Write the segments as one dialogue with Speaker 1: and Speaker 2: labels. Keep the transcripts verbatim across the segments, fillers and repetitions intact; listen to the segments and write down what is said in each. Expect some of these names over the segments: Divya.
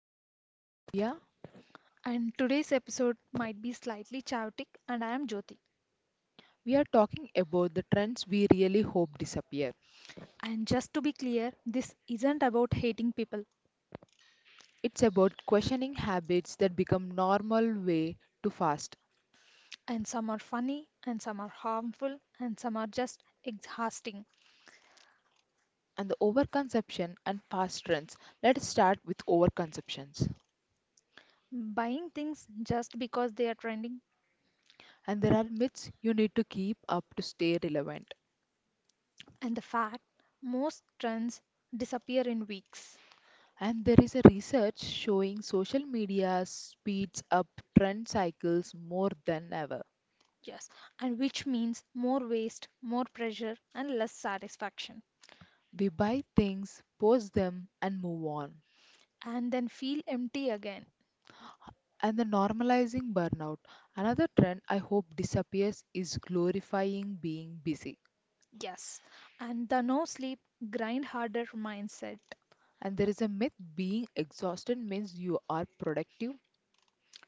Speaker 1: podcast. I'm Divya.
Speaker 2: And today's episode might be slightly chaotic, and I am Jyoti.
Speaker 1: We are talking about the trends we really hope disappear.
Speaker 2: And just to be clear, this isn't about hating people.
Speaker 1: It's about questioning habits that become normal way too fast
Speaker 2: And some are funny, and some are harmful, and some are just exhausting.
Speaker 1: and the overconsumption and fast trends. Let's start with overconsumptions.
Speaker 2: Buying things just because they are trending,
Speaker 1: And there are myths you need to keep up to stay relevant.
Speaker 2: and the fact most trends disappear in weeks.
Speaker 1: And there is a research showing social media speeds up trend cycles more than ever.
Speaker 2: Yes, and which means more waste, more pressure, and less satisfaction.
Speaker 1: We buy things, post them, and move on.
Speaker 2: And then feel empty again.
Speaker 1: And the normalizing burnout. Another trend I hope disappears is glorifying being busy.
Speaker 2: Yes, and the no sleep, grind harder mindset.
Speaker 1: And there is a myth being exhausted means you are productive,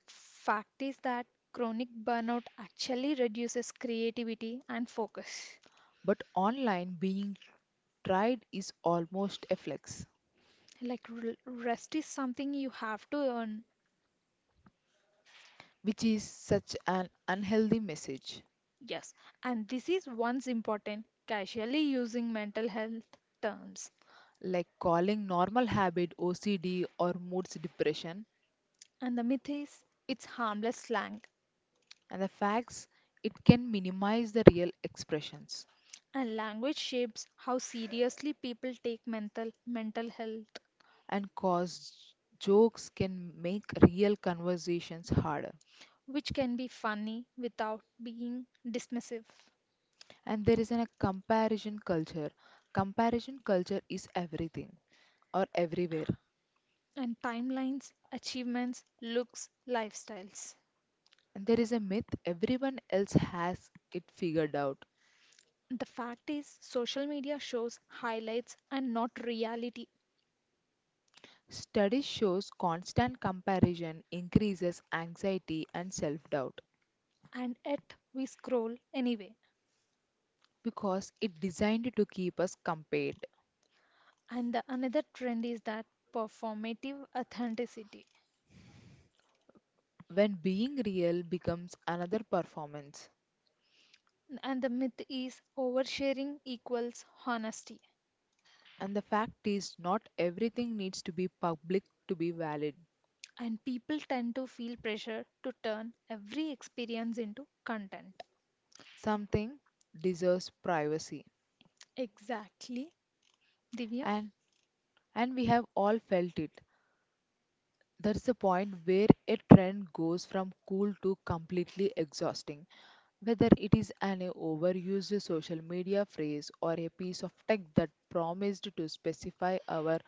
Speaker 2: Fact is that chronic burnout actually reduces creativity and focus.
Speaker 1: but online being tried is almost a flex,
Speaker 2: Like r- rest is something you have to earn,
Speaker 1: which is such an unhealthy message.
Speaker 2: yes, and this is once important, casually using mental health terms.
Speaker 1: Like calling normal habit O C D or moods depression,
Speaker 2: And the myth is it's harmless slang,
Speaker 1: and the facts it can minimize the real expressions
Speaker 2: and language shapes how seriously people take mental mental health,
Speaker 1: and cause jokes can make real conversations harder.
Speaker 2: which can be funny without being dismissive.
Speaker 1: And there is an- a comparison culture. Comparison culture is everything or everywhere.
Speaker 2: And timelines, achievements, looks, lifestyles.
Speaker 1: And there is a myth everyone else has it figured out.
Speaker 2: The fact is, social media shows highlights and not reality,
Speaker 1: Study shows constant comparison increases anxiety and self-doubt
Speaker 2: and yet we scroll anyway.
Speaker 1: because it designed to keep us compared.
Speaker 2: And the another trend is that performative authenticity.
Speaker 1: When being real becomes another performance.
Speaker 2: And the myth is oversharing equals honesty.
Speaker 1: And the fact is not everything needs to be public to be valid.
Speaker 2: And people tend to feel pressure to turn every experience into content.
Speaker 1: Something deserves privacy.
Speaker 2: Exactly, Divya.
Speaker 1: And And we have all felt it. There's a point where a trend goes from cool to completely exhausting. Whether it is an overused social media phrase or a piece of tech that promised to specify our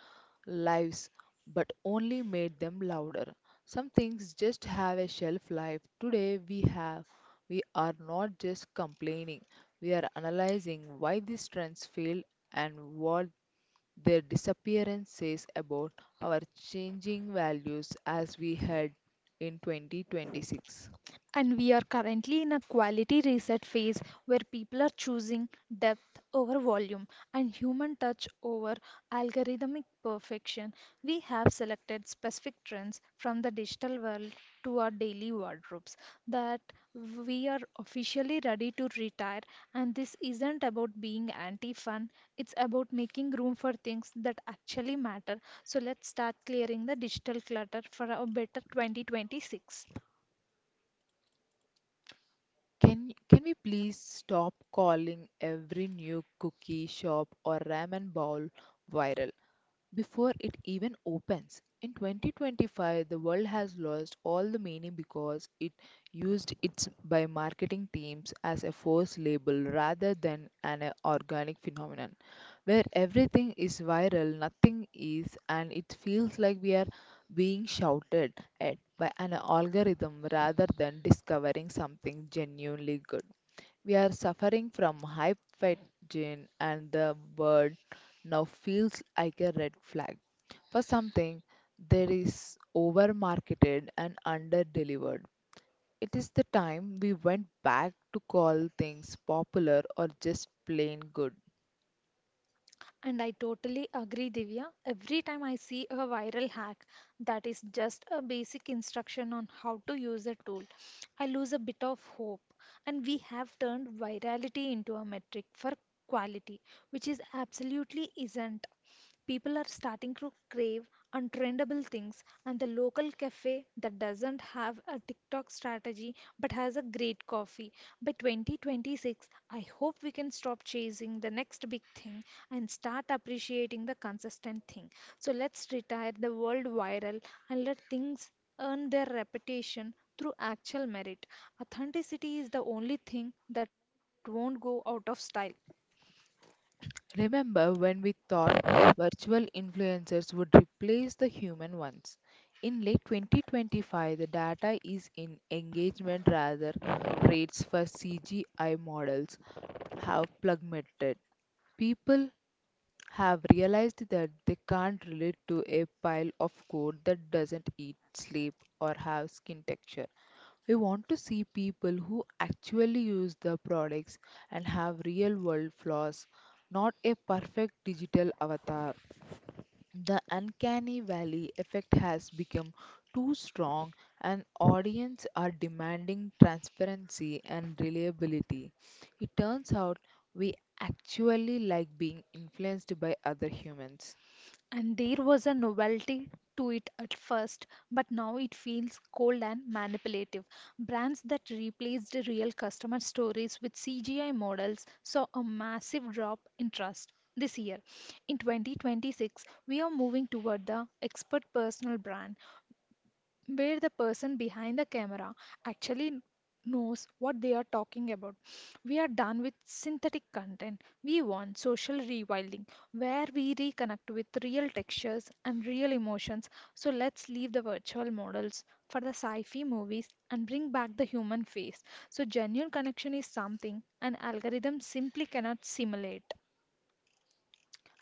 Speaker 1: lives but only made them louder. Some things just have a shelf life. Today we have we are not just complaining, we are analyzing why these trends fail and what their disappearance says about our changing values as we head in twenty twenty-six.
Speaker 2: And we are currently in a quality reset phase where people are choosing depth over volume and human touch over algorithmic perfection. We have selected specific trends from the digital world to our daily wardrobes that we are officially ready to retire. And this isn't about being anti fun, it's about making room for things that actually matter. So let's start clearing the digital clutter for a better twenty twenty-six.
Speaker 1: Can, can we please stop calling every new cookie shop or ramen bowl viral? Before it even opens. In twenty twenty-five, the world has lost all the meaning because it used its by marketing teams as a force label rather than an uh, organic phenomenon, where everything is viral, nothing is, and it feels like we are being shouted at by an algorithm rather than discovering something genuinely good. We are suffering from high fat gene, and the word now feels like a red flag for something that is over marketed and under delivered. It is the time we went back to call things popular or just plain good.
Speaker 2: And I totally agree, Divya. Every time I see a viral hack that is just a basic instruction on how to use a tool, I lose a bit of hope. And we have turned virality into a metric for quality, which is absolutely isn't. People are starting to crave untrendable things, and the local cafe that doesn't have a TikTok strategy but has a great coffee. By twenty twenty-six, I hope we can stop chasing the next big thing and start appreciating the consistent thing. So let's retire the world viral and let things earn their reputation through actual merit. Authenticity is the only thing that won't go out of style.
Speaker 1: Remember when we thought virtual influencers would replace the human ones? In late twenty twenty-five, the data is in engagement rather rates for C G I models have plummeted. People have realized that they can't relate to a pile of code that doesn't eat, sleep, or have skin texture. We want to see people who actually use the products and have real world flaws, not a perfect digital avatar. The uncanny valley effect has become too strong, and audience are demanding transparency and reliability. It turns out we actually like being influenced by other humans.
Speaker 2: And there was a novelty to it at first, but now it feels cold and manipulative. Brands that replaced real customer stories with C G I models saw a massive drop in trust this year. In twenty twenty-six, we are moving toward the expert personal brand where the person behind the camera actually knows what they are talking about. We are done with synthetic content. We want social rewilding, where we reconnect with real textures and real emotions. So let's leave the virtual models for the sci fi movies and bring back the human face. So, genuine connection is something an algorithm simply cannot simulate.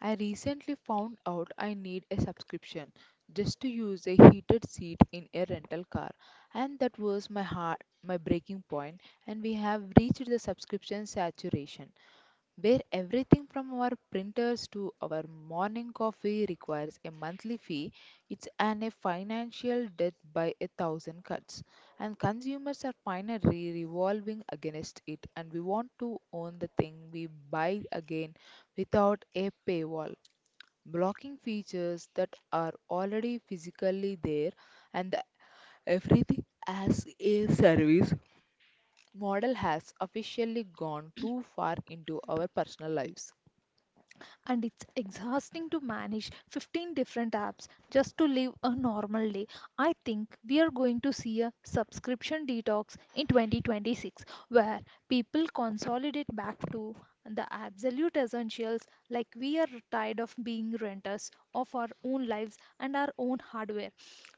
Speaker 1: I recently found out I need a subscription just to use a heated seat in a rental car, and that was my heart, my breaking point. And we have reached the subscription saturation, where everything from our printers to our morning coffee requires a monthly fee. It's an a financial death by a thousand cuts, and consumers are finally revolving against it, and we want to own the thing we buy again without a paywall blocking features that are already physically there, and the everything as a service model has officially gone too far into our personal lives.
Speaker 2: And it's exhausting to manage fifteen different apps just to live a normal day. I think we are going to see a subscription detox in twenty twenty-six where people consolidate back to the absolute essentials. Like we are tired of being renters of our own lives and our own hardware,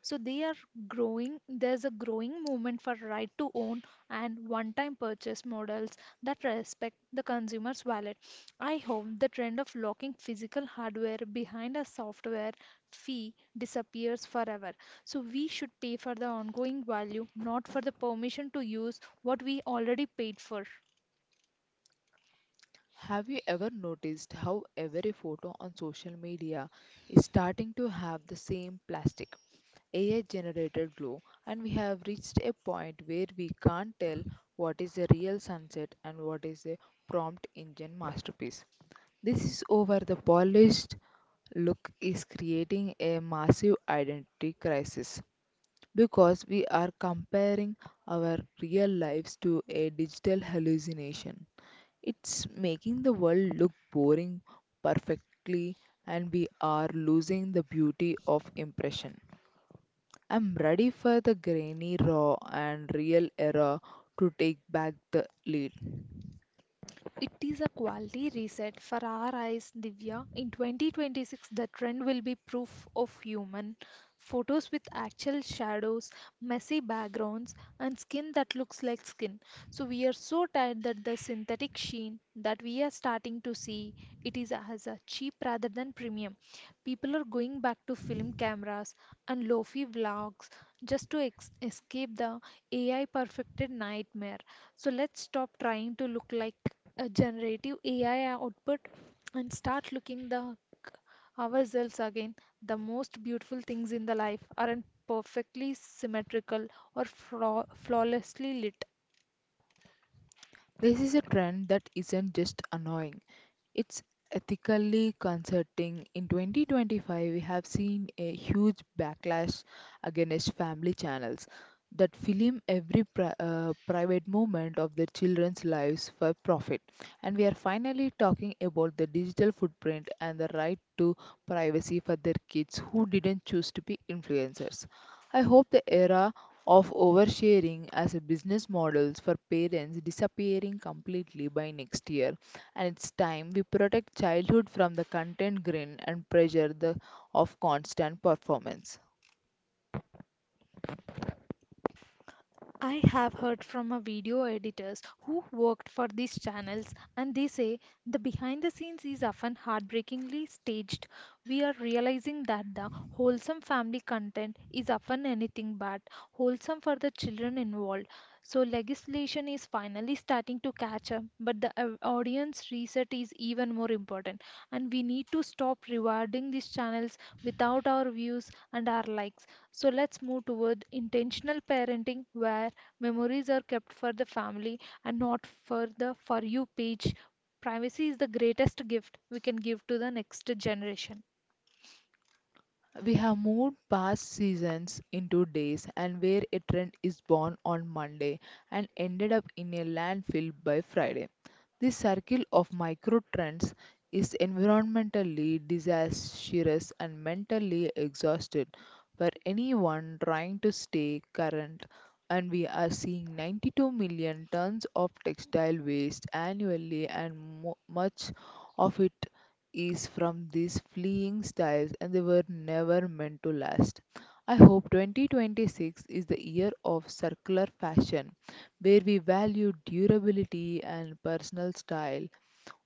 Speaker 2: so they are growing. There's a growing movement for right to own and one time purchase models that respect the consumer's wallet. I hope the trend of locking physical hardware behind a software fee disappears forever. So we should pay for the ongoing value, not for the permission to use what we already paid for.
Speaker 1: Have you ever noticed how every photo on social media is starting to have the same plastic, A I generated glow, and we have reached a point where we can't tell what is a real sunset and what is a prompt engine masterpiece? This is over the polished look is creating a massive identity crisis because we are comparing our real lives to a digital hallucination. It's making the world look boring perfectly, and we are losing the beauty of impression. I'm ready for the grainy, raw, and real era to take back the lead.
Speaker 2: It is a quality reset for our eyes, Divya. In twenty twenty-six, the trend will be proof of human. Photos with actual shadows, messy backgrounds, and skin that looks like skin. So we are so tired that the synthetic sheen that we are starting to see, it is as a cheap rather than premium. People are going back to film cameras and lofi vlogs just to ex- escape the A I perfected nightmare. So let's stop trying to look like a generative A I output and start looking the c- ourselves again. The most beautiful things in the life aren't perfectly symmetrical or flaw flawlessly lit.
Speaker 1: This is a trend that isn't just annoying. It's ethically concerning. In twenty twenty-five, we have seen a huge backlash against family channels that film every pri- uh, private moment of their children's lives for profit. And we are finally talking about the digital footprint and the right to privacy for their kids who didn't choose to be influencers. I hope the era of oversharing as a business models for parents disappearing completely by next year, and it's time we protect childhood from the content grin and pressure the, of constant performance.
Speaker 2: I have heard from a video editors who worked for these channels and they say the behind the scenes is often heartbreakingly staged. We are realizing that the wholesome family content is often anything but wholesome for the children involved. So legislation is finally starting to catch up, but the au- audience reset is even more important, and we need to stop rewarding these channels without our views and our likes. So let's move toward intentional parenting where memories are kept for the family and not for the For You page. Privacy is the greatest gift we can give to the next generation.
Speaker 1: We have moved past seasons into days, and where a trend is born on Monday and ended up in a landfill by Friday. This circle of micro trends is environmentally disastrous and mentally exhausted for anyone trying to stay current. And we are seeing ninety-two million tons of textile waste annually, and mo- much of it is from these fleeing styles and they were never meant to last. I hope twenty twenty-six is the year of circular fashion where we value durability and personal style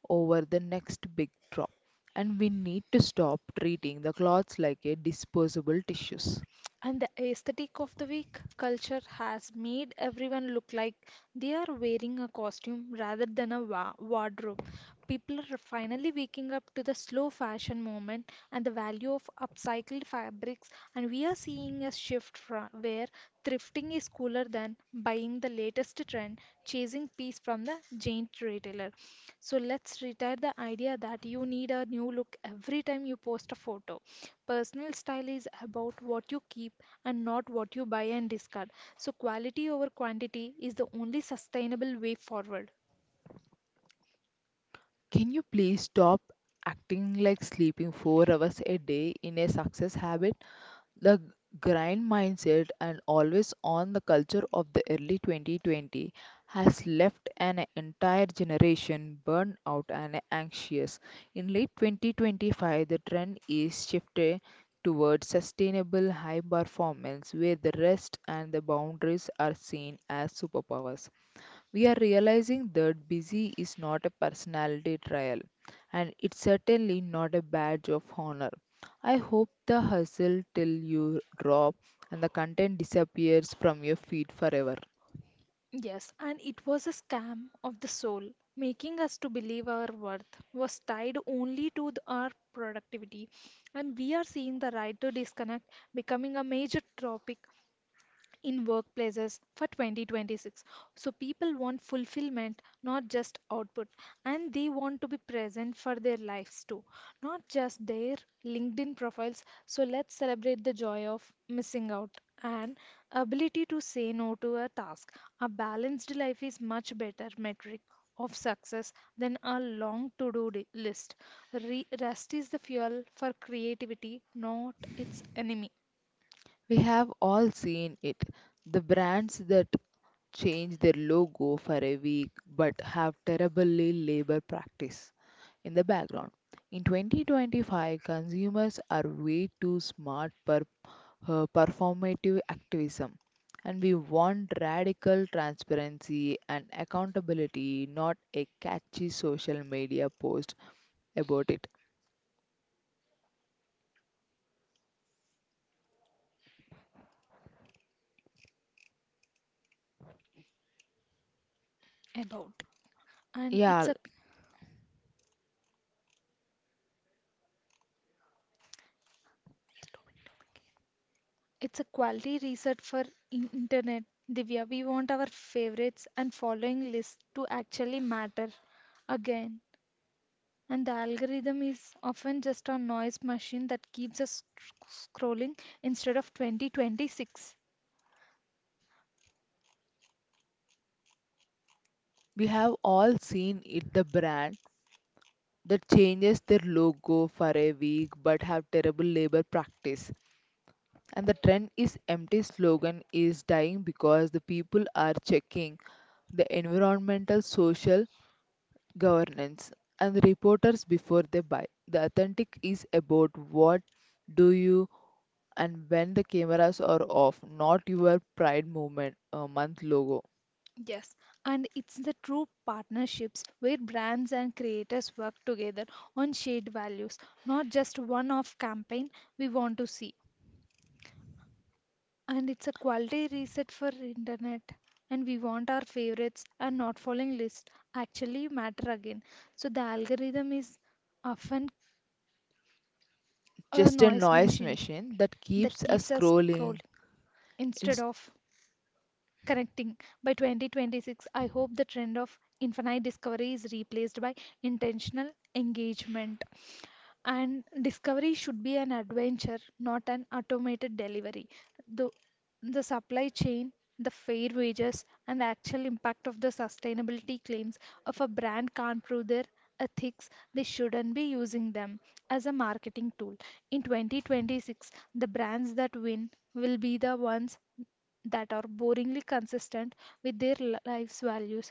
Speaker 1: over the next big drop. And we need to stop treating the clothes like a disposable tissues.
Speaker 2: And the aesthetic of the week culture has made everyone look like they are wearing a costume rather than a wa- wardrobe. People are finally waking up to the slow fashion moment and the value of upcycled fabrics, and we are seeing a shift fra- where thrifting is cooler than buying the latest trend, chasing piece from the giant retailer. So let's retire the idea that you need a new look every time you post a photo. Personal style is about what you keep and not what you buy and discard. So, quality over quantity is the only sustainable way forward.
Speaker 1: Can you please stop acting like sleeping four hours a day in a success habit? The grind mindset and always on the culture of the early twenty twenty has left an entire generation burned out and anxious. In late twenty twenty-five, the trend is shifted towards sustainable high performance where the rest and the boundaries are seen as superpowers. We are realizing that busy is not a personality trial, and it's certainly not a badge of honor. I hope the hustle till you drop and the content disappears from your feed forever.
Speaker 2: Yes, and it was a scam of the soul, making us to believe our worth was tied only to the, our productivity. And we are seeing the right to disconnect becoming a major topic in workplaces for twenty twenty-six. So people want fulfillment, not just output, and they want to be present for their lives too, not just their LinkedIn profiles. So let's celebrate the joy of missing out and ability to say no to a task. A balanced life is much better metric of success than a long to-do di- list. Re- rest is the fuel for creativity, not its enemy.
Speaker 1: We have all seen it. The brands that change their logo for a week but have terribly labor practice in the background. In twenty twenty-five, consumers are way too smart for uh, performative activism, and we want radical transparency and accountability, not a catchy social media post about it.
Speaker 2: About and it's
Speaker 1: Yeah,
Speaker 2: a. It's a quality reset for in- internet. Divya, we want our favorites and following list to actually matter again. And the algorithm is often just a noise machine that keeps us sc- scrolling instead of twenty twenty-six.
Speaker 1: we have all seen it, the brand that changes their logo for a week but have terrible labor practice. And the trend is empty slogan is dying because the people are checking the environmental, social, governance, and the reporters before they buy. The authentic is about what do you and when the cameras are off, not your Pride Movement uh, month logo.
Speaker 2: Yes, and it's the true partnerships where brands and creators work together on shared values, not just one off campaign we want to see. And it's a quality reset for internet, and we want our favorites and not following list actually matter again, so the algorithm is often a
Speaker 1: Just a
Speaker 2: noise
Speaker 1: noise
Speaker 2: machine
Speaker 1: machine that
Speaker 2: that
Speaker 1: keeps us
Speaker 2: keeps us scrolling
Speaker 1: scrolling.
Speaker 2: instead of connecting by twenty twenty-six. I hope the trend of infinite discovery is replaced by intentional engagement. And discovery should be an adventure, not an automated delivery. The, the supply chain, the fair wages, and actual impact of the sustainability claims of a brand can't prove their ethics. They shouldn't be using them as a marketing tool. In twenty twenty-six, the brands that win will be the ones that are boringly consistent with their li- life's values.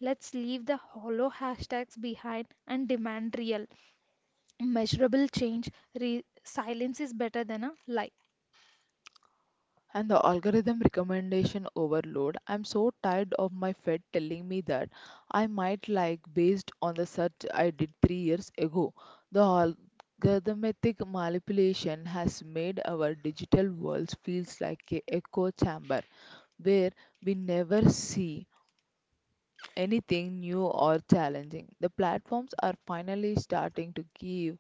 Speaker 2: Let's leave the hollow hashtags behind and demand real, measurable change. Re- silence is better than a lie.
Speaker 1: And the algorithm recommendation overload. I'm so tired of my Fed telling me that I might like based on the search I did three years ago. The algorithmic manipulation has made our digital world feels like a echo chamber where we never see anything new or challenging. The platforms are finally starting to give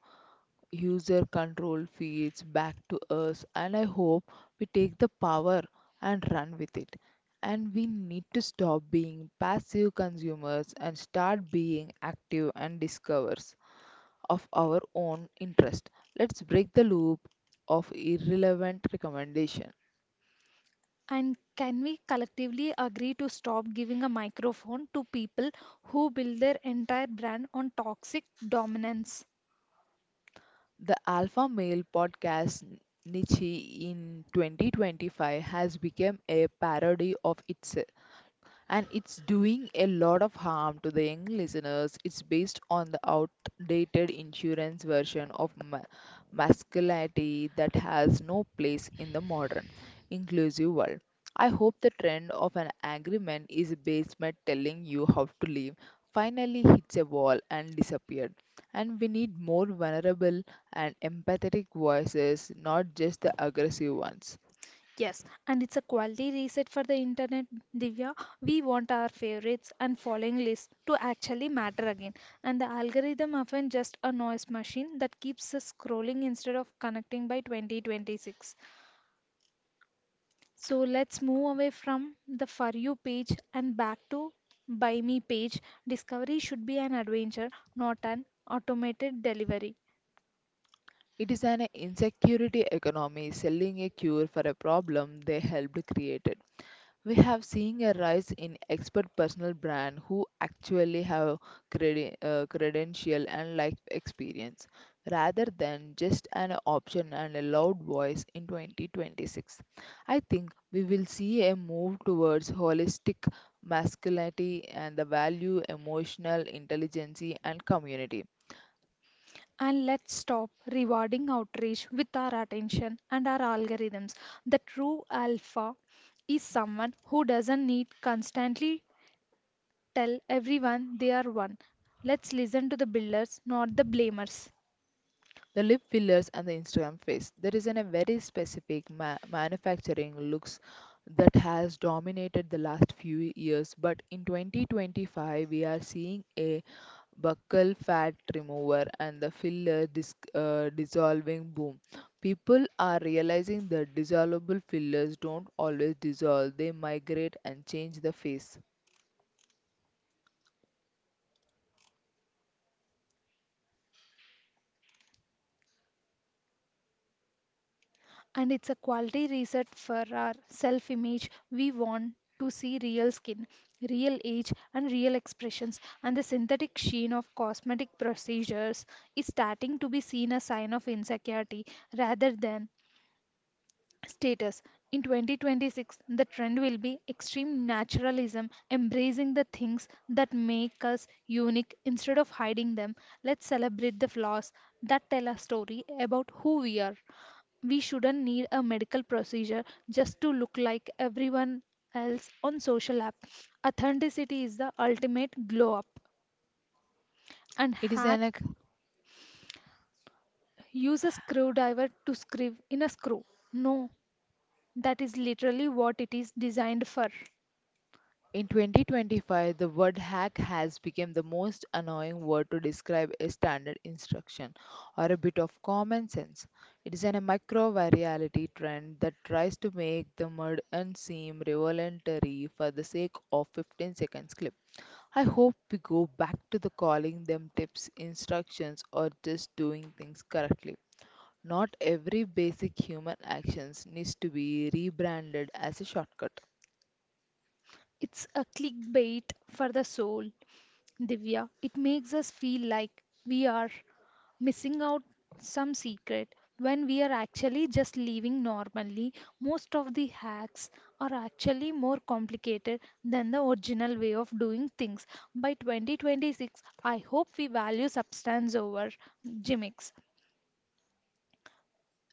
Speaker 1: user control feeds back to us, and I hope we take the power and run with it. And we need to stop being passive consumers and start being active and discoverers of our own interest. Let's break the loop of irrelevant recommendation.
Speaker 2: And can we collectively agree to stop giving a microphone to people who build their entire brand on toxic dominance?
Speaker 1: The alpha male podcast niche in twenty twenty-five has become a parody of itself and it's doing a lot of harm to the young listeners. It's based on the outdated insurance version of ma- masculinity that has no place in the modern, inclusive world. I hope the trend of an angry man is a basement telling you how to live finally hits a wall and disappeared. And we need more vulnerable and empathetic voices, not just the aggressive ones.
Speaker 2: Yes, and it's a quality reset for the internet, Divya. We want our favorites and following list to actually matter again. And the algorithm often just a noise machine that keeps us scrolling instead of connecting by twenty twenty-six. So let's move away from the For You page and back to Buy Me page. Discovery should be an adventure, not an automated delivery.
Speaker 1: It is an insecurity economy selling a cure for a problem they helped create. We have seen a rise in expert personal brand who actually have credi- uh, credential and life experience rather than just an option and a loud voice in twenty twenty-six. I think we will see a move towards holistic masculinity and the value emotional intelligence and community.
Speaker 2: And let's stop rewarding outrage with our attention and our algorithms. The true alpha is someone who doesn't need constantly tell everyone they are one. Let's listen to the builders, not the blamers.
Speaker 1: The lip fillers and the Instagram face. There is an, a very specific ma- manufacturing looks that has dominated the last few years, but in twenty twenty-five we are seeing a buccal fat remover and the filler dis- uh, dissolving boom. People are realizing that dissolvable fillers don't always dissolve; they migrate and change the face.
Speaker 2: And it's a quality reset for our self image. We want to see real skin, real age, and real expressions. And the synthetic sheen of cosmetic procedures is starting to be seen as sign of insecurity rather than status. In twenty twenty-six, the trend will be extreme naturalism, embracing the things that make us unique instead of hiding them. Let's celebrate the flaws that tell a story about who we are. We shouldn't need a medical procedure just to look like everyone else on social app. Authenticity is the ultimate glow up. And
Speaker 1: It is an a.
Speaker 2: hack use a screwdriver to screw in a screw. No, that is literally what it is designed for.
Speaker 1: In twenty twenty-five, the word hack has become the most annoying word to describe a standard instruction or a bit of common sense. It is an micro virality trend that tries to make the mud and seem revolutionary for the sake of fifteen seconds clip. I hope we go back to the calling them tips, instructions, or just doing things correctly. Not every basic human actions needs to be rebranded as a shortcut.
Speaker 2: It's a clickbait for the soul, Divya. It makes us feel like we are missing out some secret when we are actually just living normally. Most of the hacks are actually more complicated than the original way of doing things. By twenty twenty-six, I hope we value substance over gimmicks.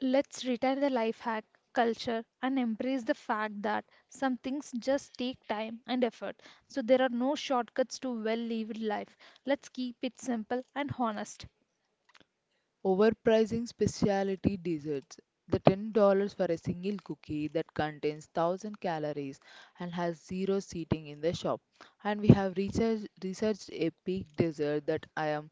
Speaker 2: Let's retire the life hack culture and embrace the fact that some things just take time and effort. So there are no shortcuts to well lived life. Let's keep it simple and honest.
Speaker 1: Overpricing specialty desserts. The ten dollars for a single cookie that contains one thousand calories and has zero seating in the shop. And we have research, researched a peak dessert that I am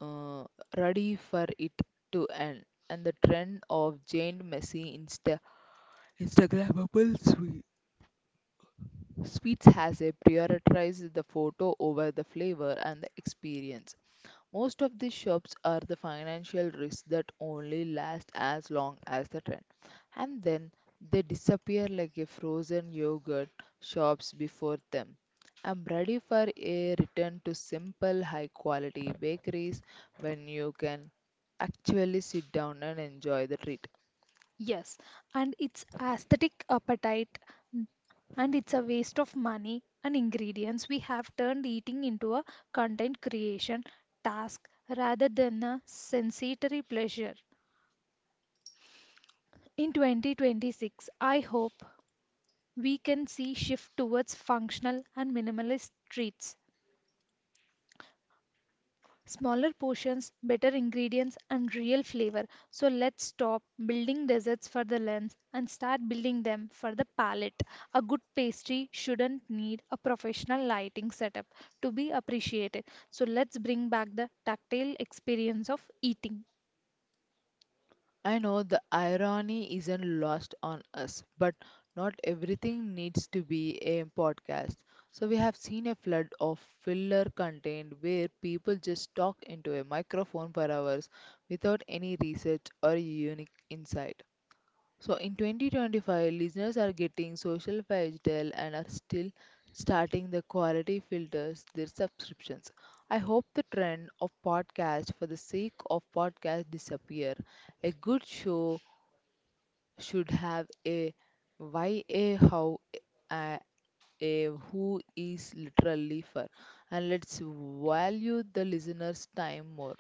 Speaker 1: uh, ready for it to end. And the trend of Jane Messi Insta Instagrammable sweet. sweets has a prioritized the photo over the flavor and the experience. Most of these shops are the financial risks that only last as long as the trend, and then they disappear like a frozen yogurt shops before them. I'm ready for a return to simple, high quality bakeries when you can actually sit down and enjoy the treat.
Speaker 2: Yes, and it's aesthetic appetite, and it's a waste of money and ingredients. We have turned eating into a content creation task rather than a sensory pleasure. In twenty twenty-six, I hope we can see shift towards functional and minimalist treats. Smaller portions, better ingredients, and real flavor. So let's stop building desserts for the lens and start building them for the palate. A good pastry shouldn't need a professional lighting setup to be appreciated. So let's bring back the tactile experience of eating.
Speaker 1: I know the irony isn't lost on us, but not everything needs to be a podcast. So, we have seen a flood of filler content where people just talk into a microphone for hours without any research or unique insight. So in twenty twenty-five, listeners are getting social digital and are still starting the quality filters their subscriptions. I hope the trend of podcast for the sake of podcast disappear. A good show should have a why, a how, a, a who is literally for, and let's value the listener's time more.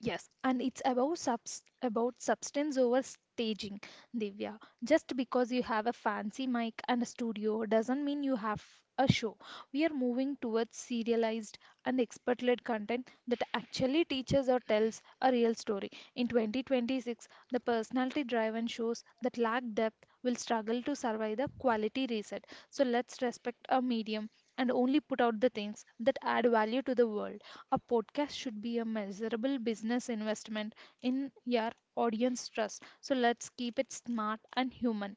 Speaker 2: Yes, and it's about subs about substance over staging, Divya. Just because you have a fancy mic and a studio doesn't mean you have a show. We are moving towards serialized and expert-led content that actually teaches or tells a real story. In twenty twenty-six, the personality-driven shows that lack depth will struggle to survive the quality reset. So let's respect our medium and only put out the things that add value to the world. A podcast should be a measurable business investment in your audience trust. So let's keep it smart and human.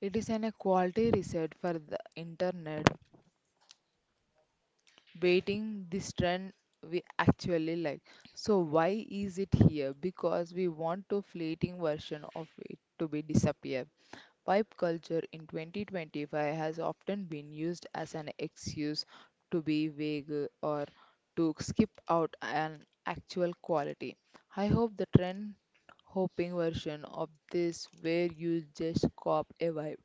Speaker 1: It is an equality reset for the internet, waiting this trend we actually like, so why is it here? Because we want to fleeting version of it to be disappear. Pipe culture in twenty twenty-five has often been used as an excuse to be vague or to skip out an actual quality. I hope the trend hopping version of this where you just cop a vibe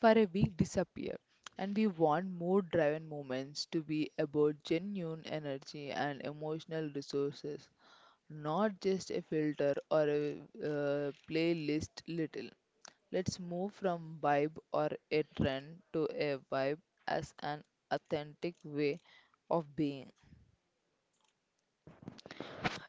Speaker 1: for a week disappear. And we want more driven moments to be about genuine energy and emotional resources, not just a filter or a uh, playlist little. Let's move from vibe or a trend to a vibe as an authentic way of being.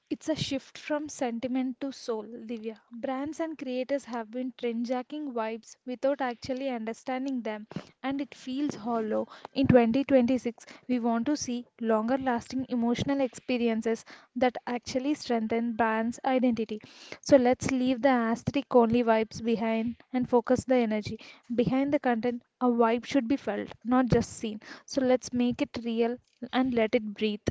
Speaker 2: It's a shift from sentiment to soul, Divya. Brands and creators have been trendjacking vibes without actually understanding them, and it feels hollow. In twenty twenty-six, we want to see longer lasting emotional experiences that actually strengthen brands' identity. So let's leave the aesthetic only vibes behind and focus the energy. Behind the content, a vibe should be felt, not just seen. So let's make it real and let it breathe.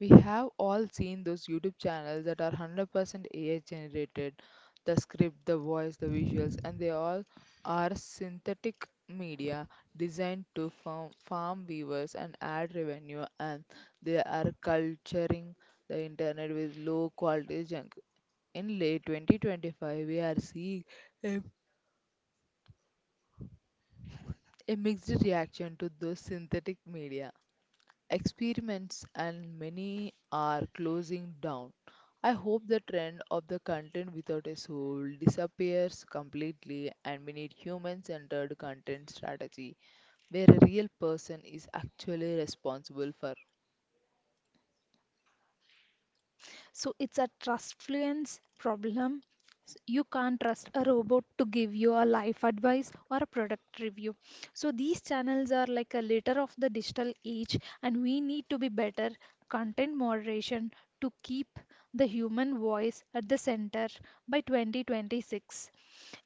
Speaker 1: We have all seen those YouTube channels that are one hundred percent A I generated the script, the voice, the visuals, and they all are synthetic media designed to farm, farm viewers and add revenue, and they are culturing the internet with low quality junk. In late twenty twenty-five, we are seeing a, a mixed reaction to those synthetic media experiments, and many are closing down. I hope the trend of the content without a soul disappears completely and we need human centered content strategy where a real person is actually responsible for.
Speaker 2: So it's a trust fluence problem. S- You can't trust a robot to give you a life advice or a product review. So these channels are like a litter of the digital age, and we need to be better content moderation to keep the human voice at the center by twenty twenty-six.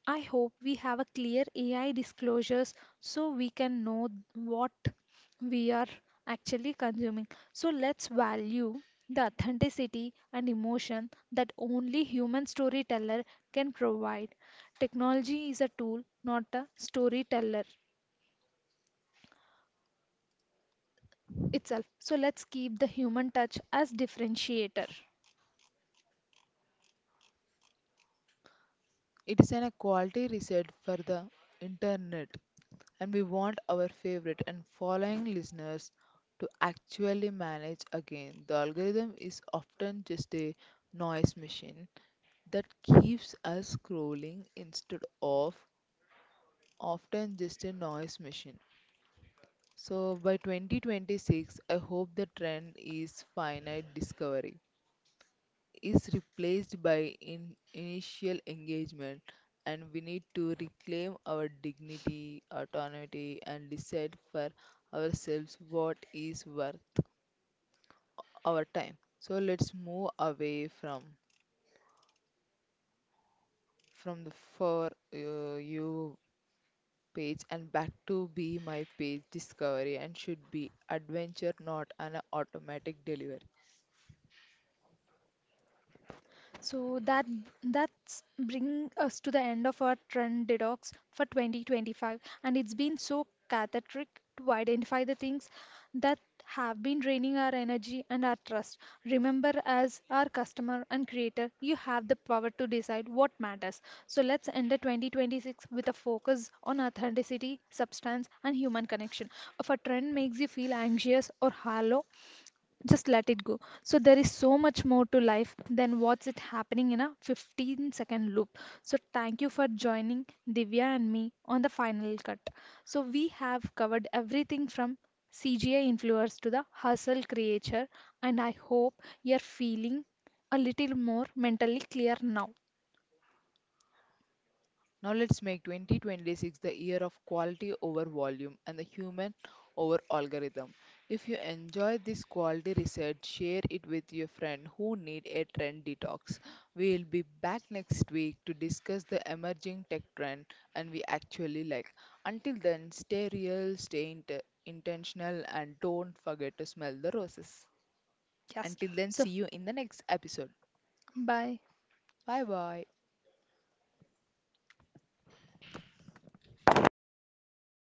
Speaker 2: I hope we have a clear A I disclosures so we can know what we are actually consuming. So let's value the authenticity and emotion that only human storyteller can provide. Technology is a tool, not a storyteller itself. So let's keep the human touch as differentiator.
Speaker 1: It is an equality reset for the internet, and we want our favorite and following listeners to actually manage again. The algorithm is often just a noise machine that keeps us scrolling instead of often just a noise machine. So by twenty twenty-six, I hope the trend is finite discovery is replaced by in initial engagement, and we need to reclaim our dignity, autonomy and decide for ourselves what is worth our time. So let's move away from from the for uh, you page and back to be my page discovery and should be adventure, not an automatic delivery.
Speaker 2: So that that's bring us to the end of our trend detox for twenty twenty-five, and it's been so cathartic to identify the things that have been draining our energy and our trust. Remember, as our customer and creator, you have the power to decide what matters. So let's end the twenty twenty-six with a focus on authenticity, substance, and human connection. If a trend makes you feel anxious or hollow, just let it go. So there is so much more to life than what's it happening in a fifteen second loop. So thank you for joining Divya and me on the final cut. So we have covered everything from CGI influencers to the hustle creature, and I hope you're feeling a little more mentally clear now.
Speaker 1: Now let's make twenty twenty-six the year of quality over volume and the human over algorithm. If you enjoy this quality research, share it with your friend who need a trend detox. We will be back next week to discuss the emerging tech trend and we actually like. Until then, stay real, stay int- intentional and don't forget to smell the roses.
Speaker 2: Yes,
Speaker 1: Until then,
Speaker 2: so
Speaker 1: see you in the next episode.
Speaker 2: bye.
Speaker 1: Bye bye.